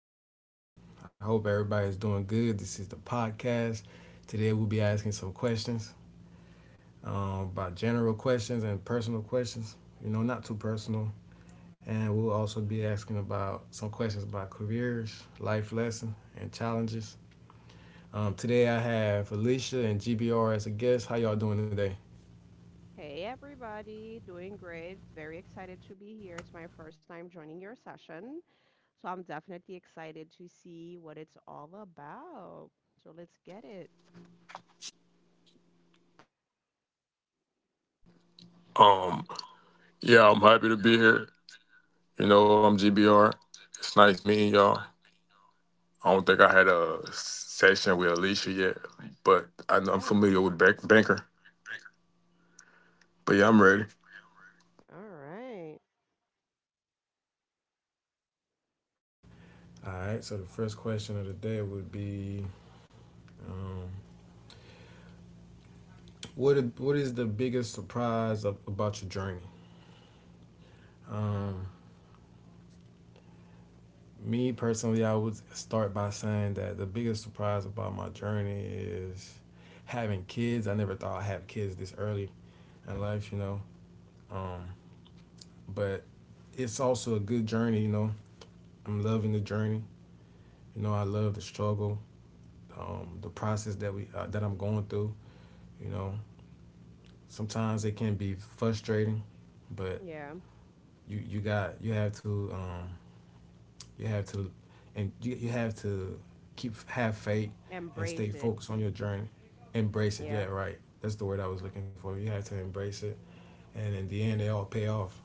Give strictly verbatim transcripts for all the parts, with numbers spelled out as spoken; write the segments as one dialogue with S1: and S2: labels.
S1: afternoon. I hope everybody is doing good. This is the podcast. Today we'll be asking some questions um, about general questions and personal questions, you know, not too personal. And we'll also be asking about some questions about careers, life lessons, and challenges. Um, today I have Alicia and G B R as a guest. How y'all doing today?
S2: Hey everybody, doing great. Very excited to be here. It's my first time joining your session, so I'm definitely excited to see what it's all about. So let's get it. Yeah. Mm. All right.
S1: All right, so the first question of the day would be um, what, what is the biggest surprise of, about your journey? Um, Me personally, I would start by saying that the biggest surprise about my journey is having kids. I never thought I'd have kids this early in life, you know. Um, but it's also a good journey, you know. I'm loving the journey. You know, I love the struggle, um, the process that we uh, that I'm going through. You know, sometimes it can be frustrating, but
S2: Yeah.
S1: you you got you have to um, You have to, and you, you have to keep have faith and
S2: Embrace
S1: stay
S2: it.
S1: focused on your journey. Embrace it.
S2: Yeah.
S1: Yeah, right. That's the word I was looking for. You have to embrace it, and in the end, they all pay off.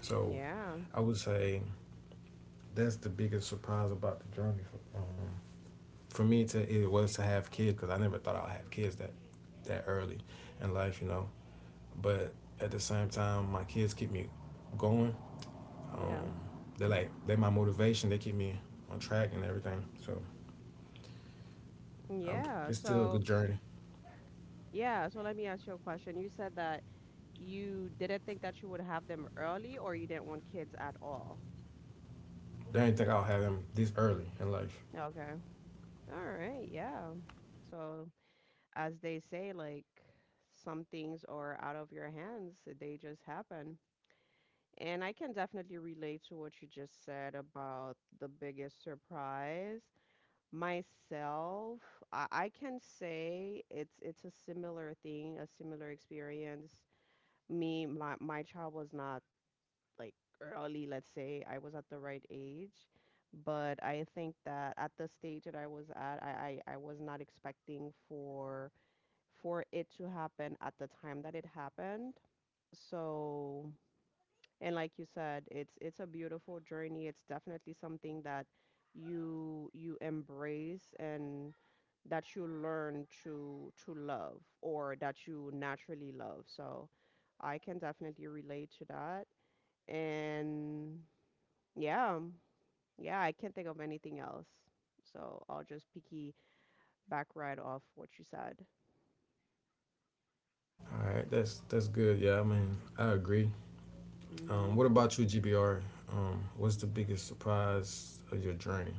S1: So
S2: Yeah.
S1: I would say that's the biggest surprise about the journey. For, um, for me, to it was to have kids because I never thought I'd have kids that that early in life, you know. But at the same time, my kids keep me going. Um,
S2: Yeah.
S1: they're like they're my motivation. They keep me on track and everything. So Um,
S2: Yeah.
S1: it's still a
S2: So,
S1: good journey.
S2: yeah, so let me ask you a question. You said that you didn't think that you would have them early or you didn't want kids at all.
S1: I didn't think I'll have them this early in life.
S2: Okay. All right. Yeah. So, as they say, like some things are out of your hands, they just happen. And I can definitely relate to what you just said about the biggest surprise. Myself, I, I can say it's it's a similar thing, a similar experience. Me, my my child was not like early, let's say I was at the right age, but I think that at the stage that I was at, I I, I was not expecting for for it to happen at the time that it happened. So, and like you said, it's it's a beautiful journey. It's definitely something that you you embrace and that you learn to to love or that you naturally love. So, I can definitely relate to that. And yeah, yeah, I can't think of anything else. So, I'll just picky back right off what you said.
S1: All right, that's that's good. Yeah, I mean, I agree. Um,
S2: Mhm.
S1: what about you, G B R? Um, what's the biggest surprise of your journey?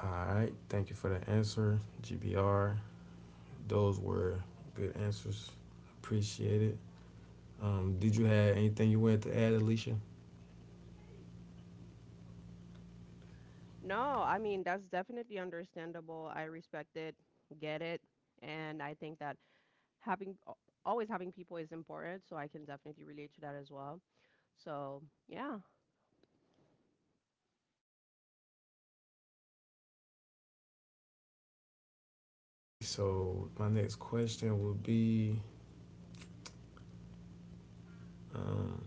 S1: All right, thank you for the answer, G B R. Those were good answers. Appreciate it. Um, did you have anything you wanted to add, Alicia?
S2: No, I mean, that's definitely understandable. I respect it, get it, and I think that having al- always having people is important, so I can definitely relate to that as well. So, yeah.
S1: So my next question would be, um,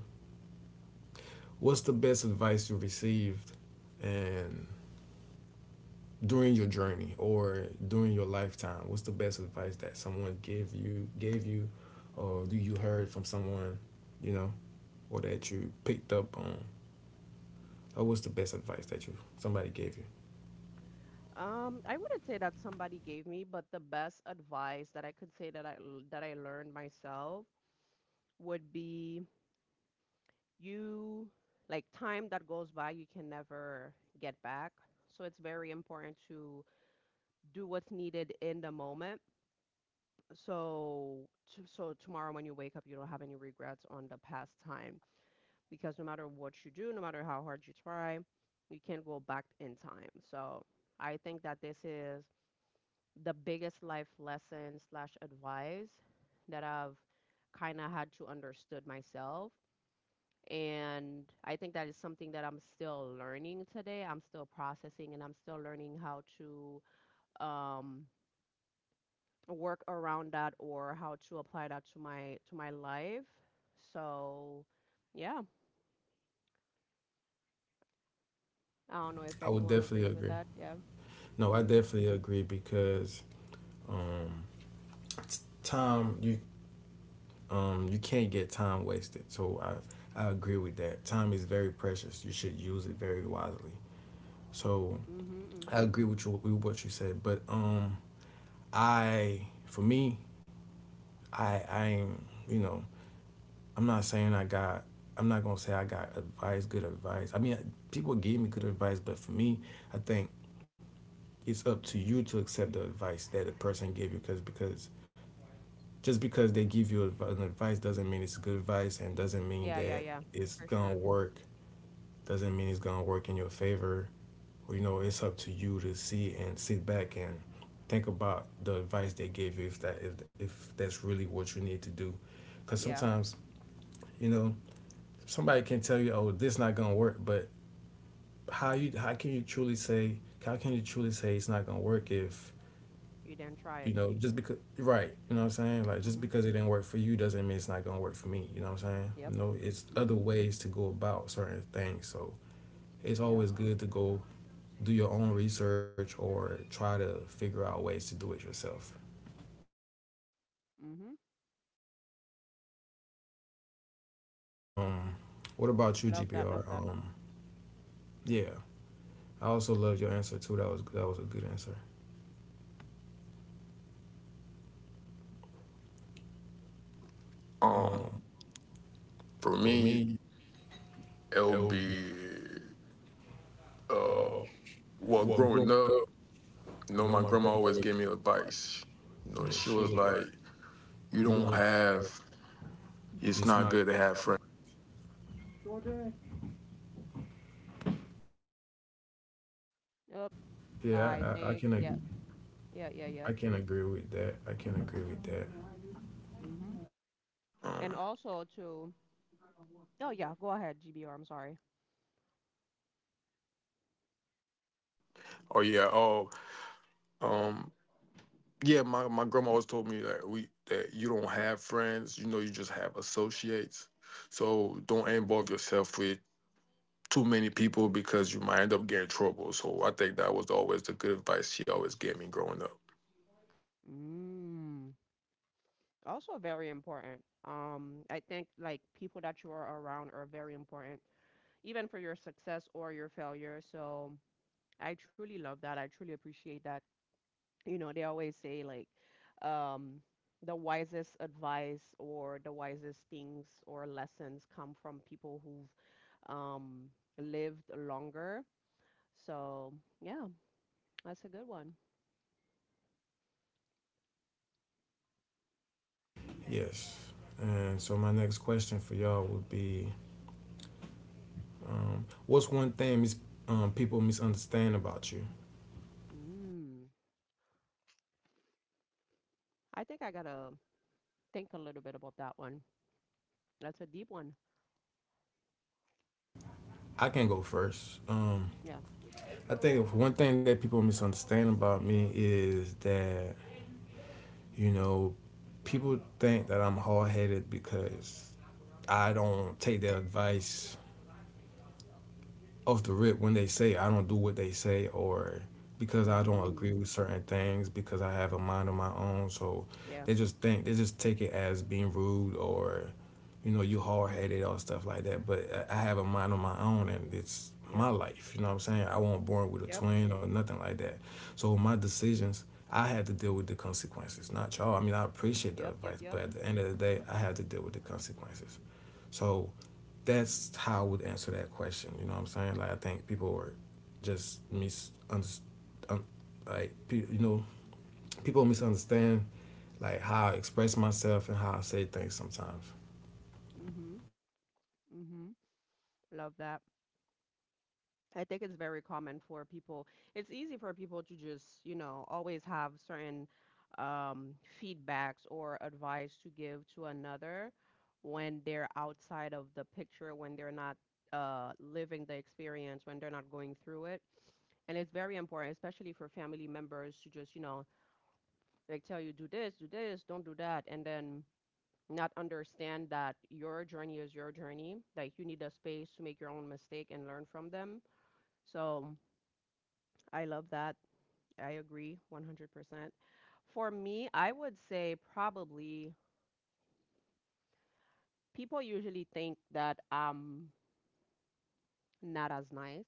S1: what's the best advice you received, and during your journey or during your lifetime what's the best advice that someone gave you gave you or do you heard from someone you know or that you picked up on or what's the best advice that you somebody gave you?
S2: Um, I wouldn't say that somebody gave me, but the best advice that I could say that I l- that I learned myself would be you like time that goes by, you can never get back. So it's very important to do what's needed in the moment so to, so tomorrow when you wake up you don't have any regrets on the past time because no matter what you do, no matter how hard you try, you can't go back in time. So I think that this is the biggest life lesson slash advice that I've kind of had to understood myself, and I think that is something that I'm still learning today. I'm still processing and I'm still learning how to um, work around that or how to apply that to my to my life. So, yeah, I don't know if
S1: I would
S2: anyone
S1: definitely
S2: agrees with
S1: agree.
S2: that. Yeah.
S1: No i
S2: Mm-hmm.
S1: definitely agree because um time you um you can't get time wasted, so i i agree with that. Time is very precious. You should use it very wisely. So
S2: Mm-hmm.
S1: I
S2: Mm-hmm.
S1: agree with you with what you said, but um I for me, I I ain't, you know, I'm not saying I got, I'm not gonna say I got advice, good advice. I mean, people give me good advice, but for me, I think it's up to you to accept the advice that the person gave you, because because just because they give you an advice doesn't mean it's good advice, and doesn't mean
S2: Yeah, yeah,
S1: that
S2: yeah.
S1: it's
S2: For
S1: gonna
S2: sure.
S1: work. Doesn't mean it's gonna work in your favor. You know, it's up to you to see and sit back and think about the advice they gave you, if that if, if that's really what you need to do, because
S2: Yeah.
S1: sometimes, you know, somebody can tell you, "Oh, this not gonna work," but how you how can you truly say, how can you truly say it's not gonna work if,
S2: You didn't try it.
S1: you know, just because, right, you know what I'm saying, like just
S2: Mm-hmm.
S1: because it didn't work for you doesn't mean it's not gonna work for me. You know what I'm saying?
S2: Yep.
S1: You know, it's other
S2: Mm-hmm.
S1: ways to go about certain things. So it's
S2: Yeah.
S1: always good to go do your own research or try to figure out ways to do it yourself.
S2: Mm-hmm.
S1: um what about you,
S2: Love that. Love
S1: gpr?
S2: that.
S1: um yeah I also loved your answer too. That was that was a good answer. um for me, it would be, Uh, well, growing up, you know, my grandma always gave me advice. You know, she was like, "You don't have. It's not good effort."
S2: Yep. I
S1: Yeah, I, I I
S2: think.
S1: can
S2: Yeah.
S1: ag-
S2: Yeah. Yeah.
S1: I
S2: Yep.
S1: can agree with that. I can agree with that.
S2: Mm-hmm. And also to. Oh yeah. Go ahead, G B R. I'm sorry. Mm. Also very important. Um, I think like people that you are around are very important, even for your success or your failure. So I truly love that. I truly appreciate that. You know, they always say like, um, the wisest advice or the wisest things or lessons come from people who've um, lived longer. So yeah, that's a good one.
S1: Yes. And so my next question for y'all would be, um, what's one thing mis- um, people misunderstand about you?
S2: Mm. I think I gotta think a little bit about that one. That's a deep one.
S1: I can go first. Um,
S2: Yeah.
S1: I think if one thing that people misunderstand about me is that, you know, people think that I'm hard headed because I don't take their advice off the rip when they say it. I don't do what they say, or because I don't
S2: Mhm.
S1: agree with certain things because I have a mind of my own. So
S2: Yeah.
S1: they just think, they just take it as being rude, or you know, you hard headed, or stuff like that. But I I have a mind of my own, and it's
S2: Yep.
S1: my life. You know what I'm saying? I wasn't born with a
S2: Yep.
S1: twin or nothing like that. So my decisions. I had to deal with the consequences, not y'all. I mean, I appreciate the
S2: Yep. Yep.
S1: advice, but
S2: Yep.
S1: at the end of the day, I had to deal with the consequences. So that's how I would answer that question. You know what I'm saying? Like I think people are, just misunderstood. Um, like pe- you know, people misunderstand like how I express myself and how I say things sometimes.
S2: Mhm. Mhm. Love that. I think it's very common for people. It's easy for people to just, you know, always have certain um, feedbacks or advice to give to another when they're outside of the picture, when they're not uh, living the experience, when they're not going through it. And it's very important, especially for family members, to just, you know, like tell you, do this, do this, don't do that, and then not understand that your journey is your journey. Like you need a space to make your own mistake and learn from them. So I love that. I agree one hundred percent. For me, I would say probably people usually think that I'm not as nice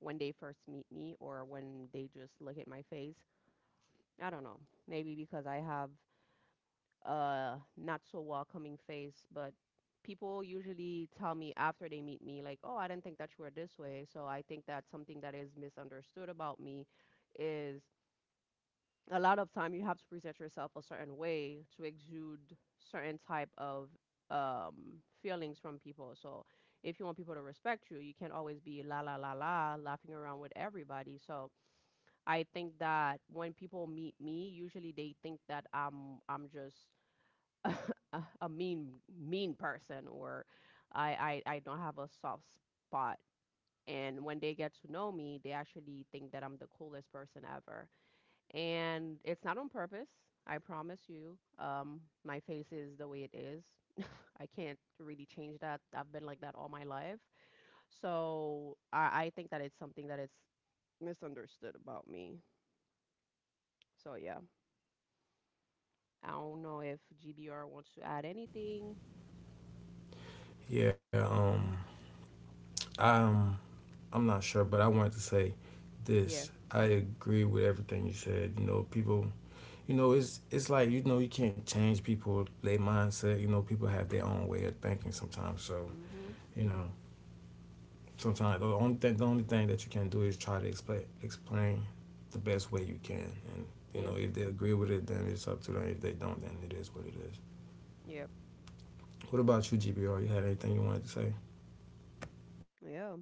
S2: when they first meet me or when they just look at my face. I don't know. Maybe because I have uh not so welcoming face, but people usually tell me after they meet me like, "Oh, I didn't think that you were this way." So I think that something that is misunderstood about me is a lot of time you have to present yourself a certain way to exude certain type of um feelings from people. So if you want people to respect you, you can't always be la la la la laughing around with everybody. So I think that when people meet me, usually they think that I'm I'm just a, a mean mean person or I, I I don't have a soft spot. And when they get to know me, they actually think that I'm the coolest person ever. And it's not on purpose. I promise you. Um, my face is the way it is. I can't really change that. I've been like that all my life. So I, I think that it's something that it's misunderstood about me. So yeah, I don't know if G B R wants to add anything.
S1: Yeah, um, I'm I'm not sure, but I wanted to say
S2: Yeah.
S1: this. I agree with everything you said. You know, people, you know, it's it's like, you know, you can't change people their mindset. You know, people have their own way of thinking sometimes. So
S2: Mhm.
S1: you know, sometimes the only thing, the only thing that you can do is try to explain explain the best way you can, and you
S2: Yeah.
S1: know, if they agree with it, then it's up to them. If they don't, then it is what it is.
S2: Yeah.
S1: What about you, G B R? You had anything you wanted to say?
S2: Yeah.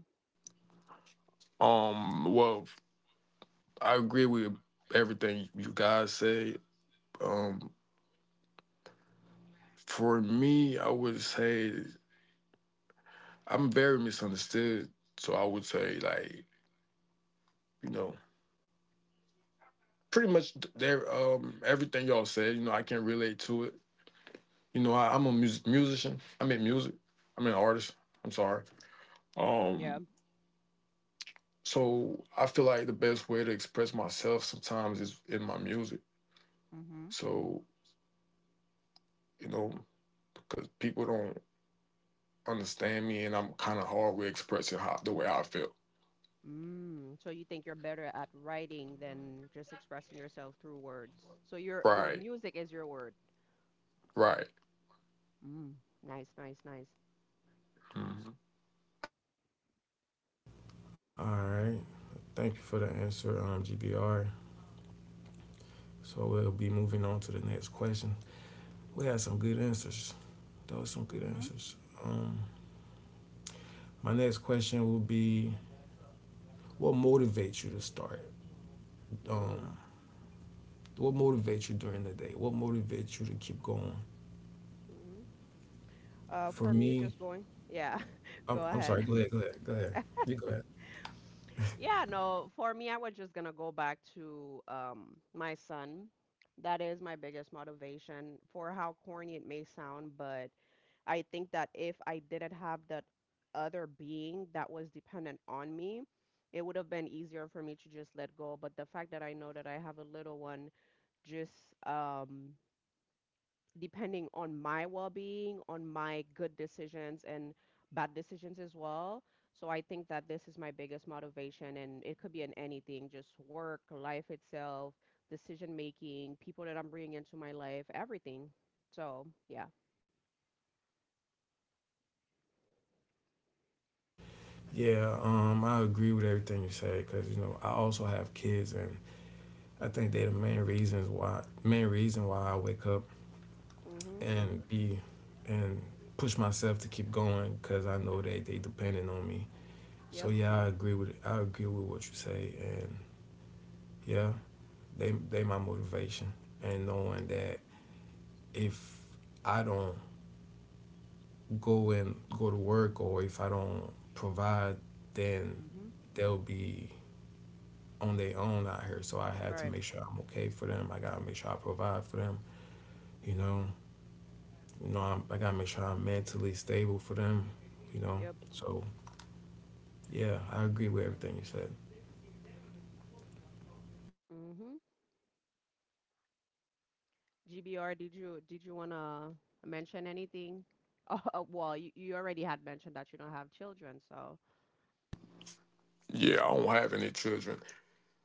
S2: Yeah. Mm-hmm. Mm. So you think you're better at writing than just expressing yourself through words. So your your music is your word. Mm. Nice, nice, nice.
S1: All right, thank you for the answer, um, G B R. So we'll be moving on to the next question. We had some good answers. Those some good
S2: Mm-hmm.
S1: answers. Um, my next question will be, what motivates you to start?
S2: Ooh.
S1: Um, what motivates you during the day? What motivates you to keep going?
S2: Mm-hmm. Uh,
S1: For
S2: for me,
S1: me,
S2: just going. Yeah.
S1: I'm,
S2: Go
S1: I'm sorry.
S2: ahead.
S1: Go ahead. Go ahead. Go ahead. You go ahead.
S2: Yeah, no, for me, I was just gonna go back to um my son. That is my biggest motivation for how corny it may sound, but I think that if I didn't have that other being that was dependent on me, it would have been easier for me to just let go. But the fact that I know that I have a little one just um, depending on my well being, on my good decisions, and bad decisions as well. So I think that this is my biggest motivation, and it could be in anything, just work, life itself, decision making, people that I'm bringing into my life, everything. So, yeah.
S1: Yeah, um, I agree with everything you say because, you know, I also have kids, and I think they're the main reasons why main reason why I wake up
S2: Mm hmm.
S1: and be and push myself to keep going because I know that they dependent on me.
S2: Yep.
S1: So yeah, I agree with I agree with what you say, and yeah, they they my motivation, and knowing
S2: Mm
S1: that if I don't go and go to work, or if I don't provide, then
S2: hmm.
S1: they'll be on their own out here. So I had to
S2: Right.
S1: make sure I'm okay for them. I gotta make sure I provide for them. You know, you know, I'm, I gotta make sure I'm mentally stable for them. You know,
S2: Yep.
S1: so yeah, I agree with everything you said.
S2: Mhm. G B R, did you did you wanna mention anything? Oh, well, you, you already had mentioned that you don't have children, so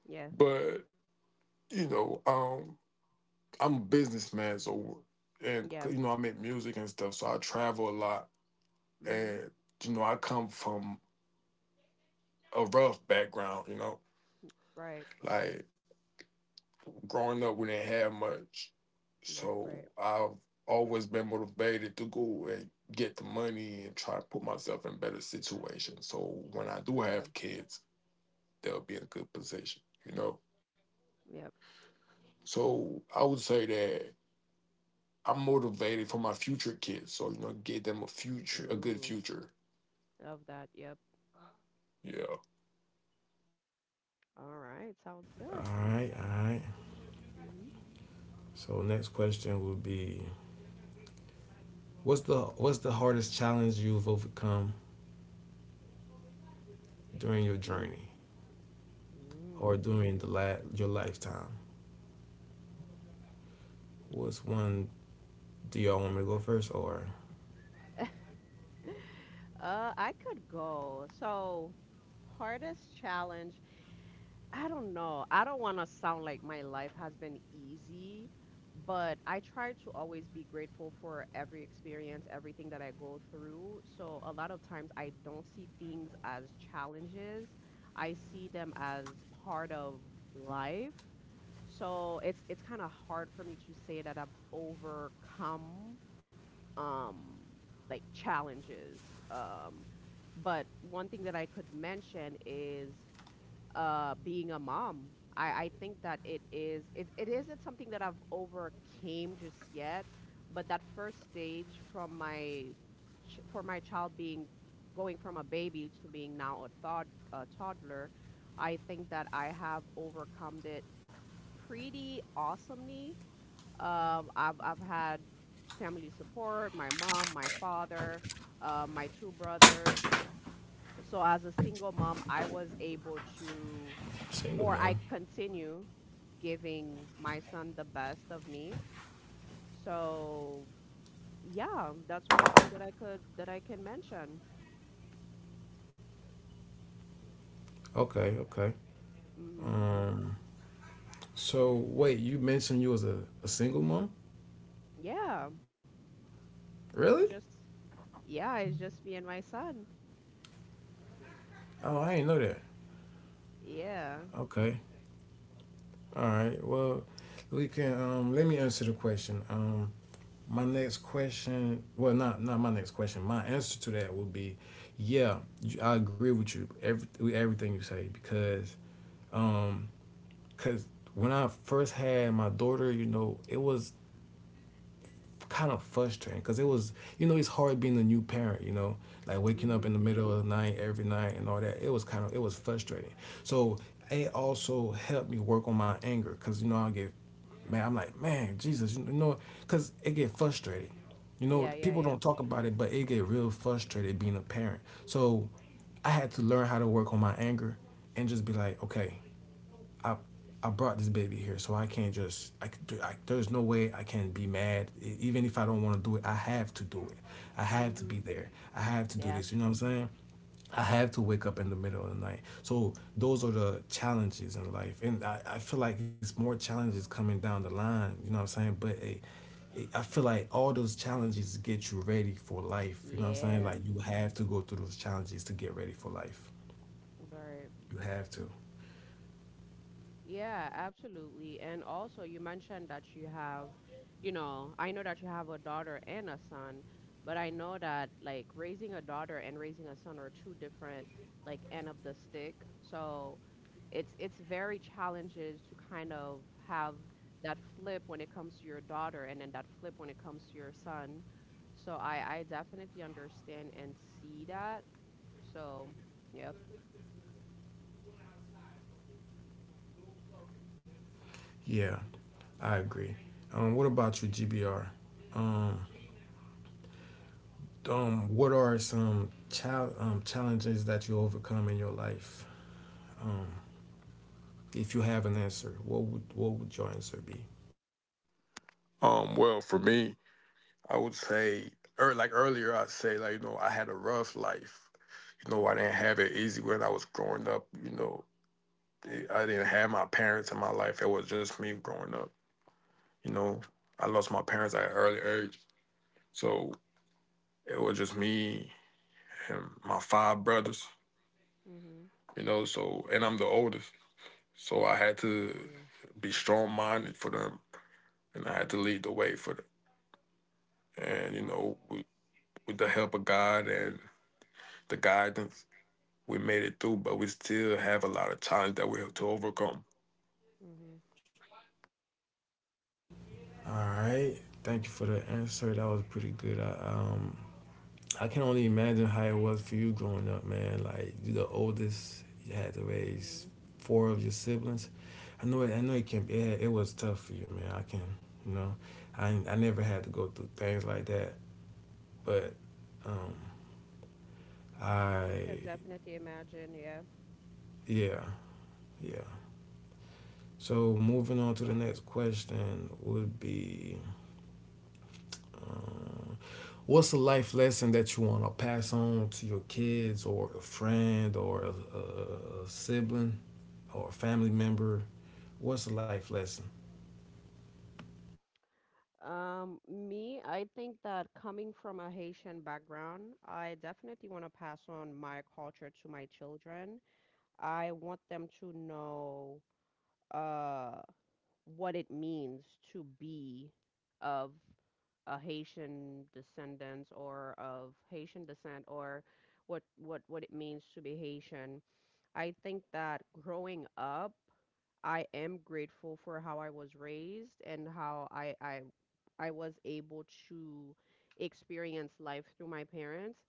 S2: yeah. Yeah. Mhm. Right. Right, right. Yeah. Yep. Ooh, love that. Yep. All right. Sounds
S1: All
S2: good.
S1: right, all right.
S2: Mhm.
S1: So next question would be, what's the what's the hardest challenge you've overcome during your
S2: Mm.
S1: journey or during the la- your lifetime? What's one? Do y'all want me to go first or
S2: Mm. Uh, I could go. So, hardest challenge, I don't know. I don't want to sound like my life has been easy, but I try to always be grateful for every experience, everything that I go through. So a lot of times I don't see things as challenges. I see them as part of life. So it's it's kind of hard for me to say that I've overcome um like challenges. Um but one thing that I could mention is uh being a mom. I I think that it is it it isn't something that I've overcame just yet, but that first stage from my ch- for my child being, going from a baby to being now a thod a toddler, I think that I have overcome it pretty awesomely. Um, I've I've had family support, my mom, my father, uh, my two brothers. So as a single mom, I was able to,
S1: single
S2: or
S1: mom?
S2: I continue giving my son the best of me. So yeah, that's one thing that I could that I can mention.
S1: Okay, okay.
S2: Mhm.
S1: Um, so wait, you mentioned you was a, a single mom?
S2: Yeah,
S1: Really?
S2: just yeah, it's just me and my son.
S1: Oh, I didn't know that.
S2: Yeah.
S1: Okay. All right. Well, we can um let me answer the question. Um my next question, well not not my next question. My answer to that would be yeah, you- I agree with you every with everything you say, because um cuz when I first had my daughter, you know, it was kind of frustrating because it was, you know, it's hard being a new parent, you know, like waking up in the
S2: Mhm.
S1: middle of the night every night and all that. It was kind of it was frustrating. So it also helped me work on my anger, because you know, I'll get, man, I'm like, man, Jesus, you know, because it get frustrated. You know,
S2: Yeah, yeah,
S1: people
S2: yeah.
S1: don't talk about it, but it get real frustrated being a parent. So I had to learn how to work on my anger, and just be like, okay, I I brought this baby here, so I can't just I, I there's no way I can be mad. E- Even if I don't want to do it, I have to do it. I have to be
S2: Mhm.
S1: there. I have to do
S2: Yeah.
S1: this. You know what I'm saying? I have to wake up in the middle of the night. So those are the challenges in life, and I, I feel like it's more challenges coming down the line. You know what I'm saying? But it, it, I feel like all those challenges get you ready for life. You know what I'm saying?
S2: Yeah.
S1: Like you have to go through those challenges to get ready for life.
S2: But
S1: You have to.
S2: yeah, absolutely. And also, you mentioned that you have, you know, I know that you have a daughter and a son, but I know that like raising a daughter and raising a son are two different like end of the stick. So it's it's very challenges to kind of have that flip when it comes to your daughter and then that flip when it comes to your son. So I I definitely understand and see that. So, yep.
S1: Yeah, I agree. Um, what about you, G B R? Um, um, what are some chal- um, challenges that you overcome in your life? Um, if you have an answer, what would what would your answer be?
S2: Mhm. Mhm. Mm. Mhm. Mhm.
S1: All right, thank you for the answer. That was pretty good. I, um, I can only imagine how it was for you growing up, man. Like you are the oldest, you had to raise
S2: Mm,
S1: four of your siblings. I know it. I know it can. be- It, it was tough for you, man. I can. You know, I I never had to go through things like that, but um,
S2: can
S1: I
S2: definitely imagine, yeah.
S1: yeah, yeah. So moving on to the next question would be. Um, What's a life lesson that you want to pass on to your kids or a friend or a, a sibling or a family member? What's a life lesson?
S2: Um, me, I think that coming from a Haitian background, I definitely want to pass on my culture to my children. I want them to know uh, what it means to be of a Haitian descendant or of Haitian descent, or what what what it means to be Haitian. I think that growing up, I am grateful for how I was raised and how I I I was able to experience life through my parents.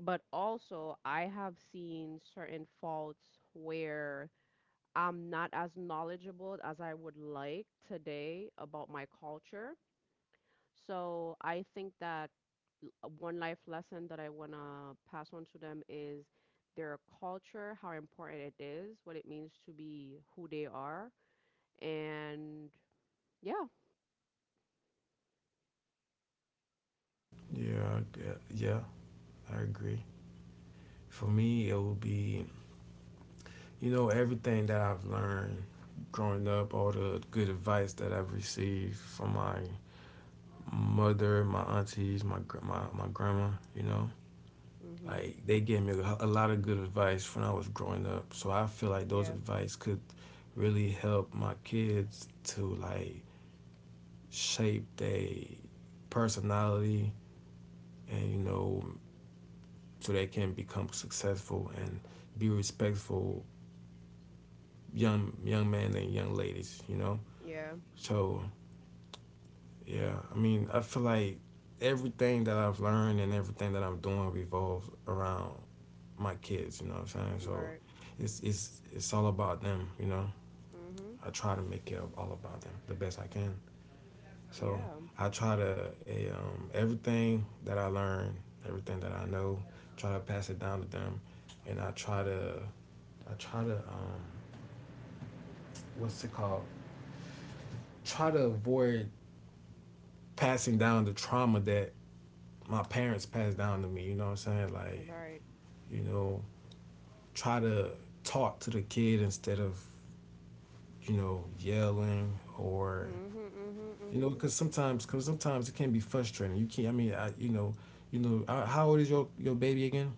S2: But also, I have seen certain faults where I'm not as knowledgeable as I would like today about my culture. So I think that l- one life lesson that I want to pass on to them is their culture, how important it is, what it means to be who they are, and yeah.
S1: Yeah, I g- yeah, I agree. For me, it would be, you know, everything that I've learned growing up, all the good advice that I've received from my mother, my aunties, my my, my grandma, you know,
S2: Mhm.
S1: like they gave me a lot of good advice when I was growing up. So I feel like those
S2: Yeah.
S1: advice could really help my kids to like shape their personality, and you know so they can become successful and be respectful young young men and young ladies, you know.
S2: Yeah.
S1: So yeah, I mean I feel like everything that I've learned and everything that I'm doing revolves around my kids. You know what I'm saying? So
S2: Right.
S1: it's it's it's all about them. You know,
S2: Mhm.
S1: I try to make it all about them the best I can. So
S2: Yeah.
S1: I try to a um, everything that I learn, everything that I know, try to pass it down to them, and I try to I try to um, what's it called? Try to avoid passing down the trauma that my parents passed down to me. You know what I'm saying? Like
S2: Right.
S1: you know, try to talk to the kid instead of you know yelling or.
S2: Mhm. Mhm.
S1: You know,
S2: Mhm.
S1: because sometimes, because sometimes it can be frustrating. You can't. I mean, I, you know, you know. Uh, How old is your your baby again?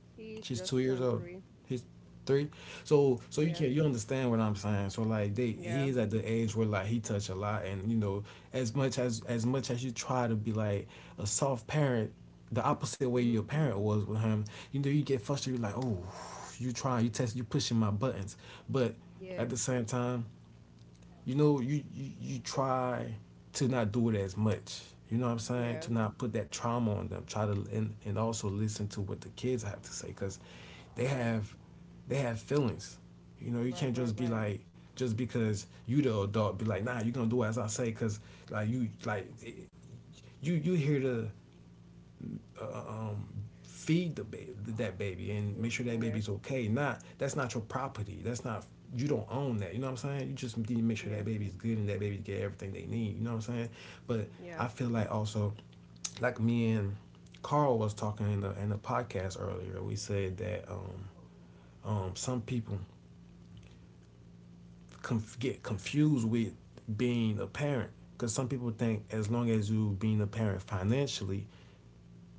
S2: He
S1: She's
S2: just
S1: two
S2: turned
S1: years old.
S2: three.
S1: He's three. So, so you
S2: Yeah.
S1: can't. You understand what I'm saying? So, like, they
S2: Yeah.
S1: he is at the age where like he touch a lot, and you know, as much as as much as you try to be like a soft parent, the opposite way your
S2: Mhm.
S1: parent was with him, you know, you get frustrated. You're like, oh, you trying, you test, you pushing my buttons, but
S2: Yeah.
S1: at the same time you know, you, you you try to not do it as much. You know what I'm saying?
S2: Yeah.
S1: To not put that trauma on them. Try to and, and also listen to what the kids have to say, because they
S2: Right.
S1: have they have feelings. You know, you
S2: Right.
S1: can't
S2: Right.
S1: just be
S2: Right.
S1: like, just because you the adult, be like, nah, you're gonna do as I say, because like you like you you hear the uh, um, feed the baby, that baby, and make sure that
S2: Yeah.
S1: baby's okay. Not, that's not your property. That's not, you don't own that. You know what I'm saying? You just need to make sure
S2: Yeah.
S1: that baby's good and that baby get everything they need. You know what I'm saying? But
S2: Yeah.
S1: I feel like, also, like me and Carl was talking in the in the podcast earlier. We said that um, um, some people conf- get confused with being a parent, because some people think, as long as you being a parent financially,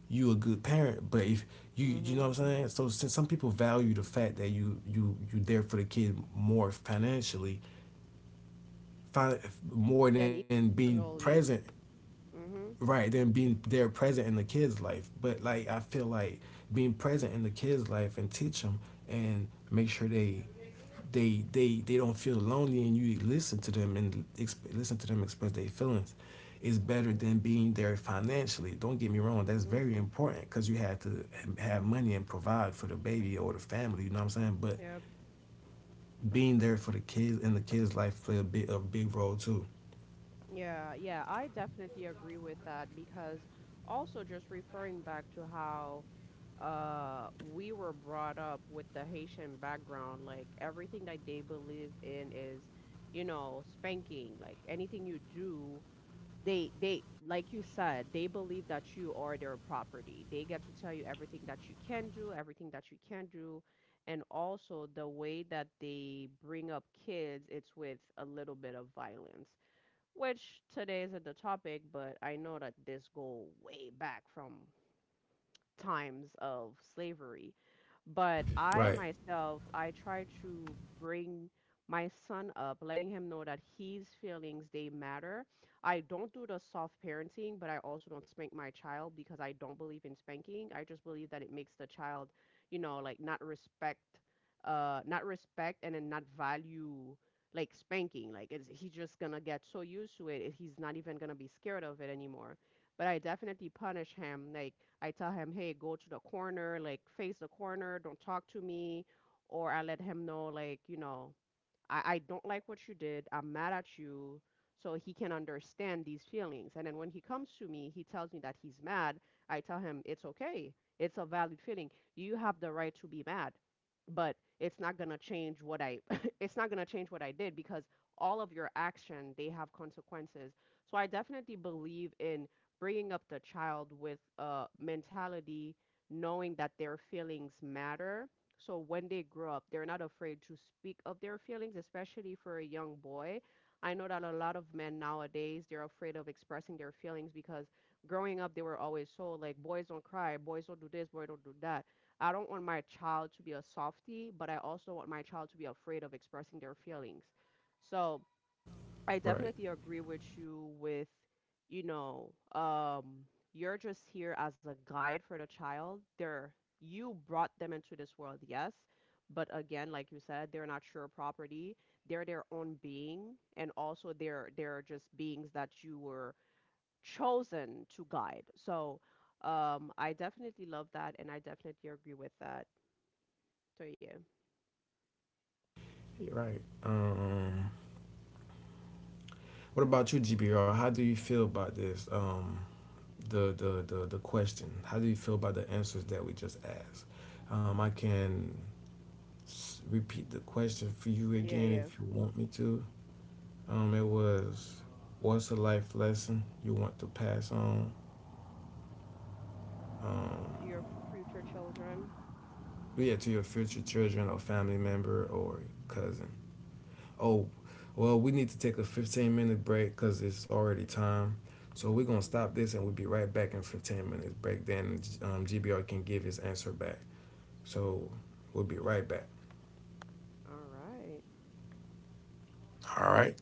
S1: you a good parent. But if you you know
S2: Mhm.
S1: what I'm saying, so since some people value the fact that you you you there for the kid more financially, more than
S2: Then
S1: being present,
S2: emotionally. Mhm.
S1: right? Than being there present in the kid's life. But like I feel like being present in the kid's life, and teach them, and make sure they they they they don't feel lonely, and you listen to them, and exp- listen to them express their feelings, is better than being there financially. Don't get me wrong, that's
S2: Mhm.
S1: very important because you have to have money and provide for the baby or the family, you know what I'm saying. But
S2: Yep.
S1: being there for the kids and the kids life play a big a big role too.
S2: Yeah. Yeah, I definitely agree with that, because also, just referring back to how uh we were brought up with the Haitian background, like everything that they believe in is, you know, spanking. Like anything you do, they they like you said, they believe that you are their property. They get to tell you everything that you can do, everything that you can't do. And also, the way that they bring up kids, it's with a little bit of violence, which today isn't the topic, but I know that this go way back from times of slavery. But I
S1: Right.
S2: myself, I try to bring my son up, letting him know that his feelings, they matter. I don't do the soft parenting, but I also don't spank my child because I don't believe in spanking. I just believe that it makes the child, you know, like not respect, uh, not respect and then not value like spanking. Like it's, he's just gonna get so used to it, he's not even gonna be scared of it anymore, but I definitely punish him. Like I tell him, "Hey, go to the corner, like face the corner, don't talk to me." Or I let him know like, you know, I, I don't like what you did. I'm mad at you. So he can understand these feelings. And then when he comes to me, he tells me that he's mad. I tell him it's okay. It's a valid feeling. You have the right to be mad, but it's not gonna change what I it's not gonna change what I did, because all of your action, they have consequences. So I definitely believe in bringing up the child with a mentality knowing that their feelings matter, so when they grow up, they're not afraid to speak of their feelings, especially for a young boy. I know that a lot of men nowadays, they're afraid of expressing their feelings because growing up, they were always so like, boys don't cry, boys don't do this, boys don't do that. I don't want my child to be a softie, but I also want my child to be afraid of expressing their feelings. So I
S1: Right.
S2: definitely agree with you with, you know, um, you're just here as a guide for the child. They're, you brought them into this world, yes, but again, like you said, they're not your property. They're their own being, and also they're they're just beings that you were chosen to guide. So, um, I definitely love that, and I definitely agree with that. So yeah,
S1: Right. Um what about you, GBR? How do you feel about this? Um the the the, the question, how do you feel about the answers that we just asked? Um i can repeat the question for you
S2: yeah,
S1: again
S2: yeah.
S1: if you want me to. Um, it was, what's a life lesson you want to pass on? Um,
S2: To your future children.
S1: yeah, to your future children or family member or cousin. Oh, well, we need to take a fifteen minute break because it's already time. So we're going to
S2: Mm-hmm.
S1: stop this and we'll be right back in fifteen minutes break. Then um, G B R can give his answer back. So we'll be right back.
S2: All right.
S1: All right.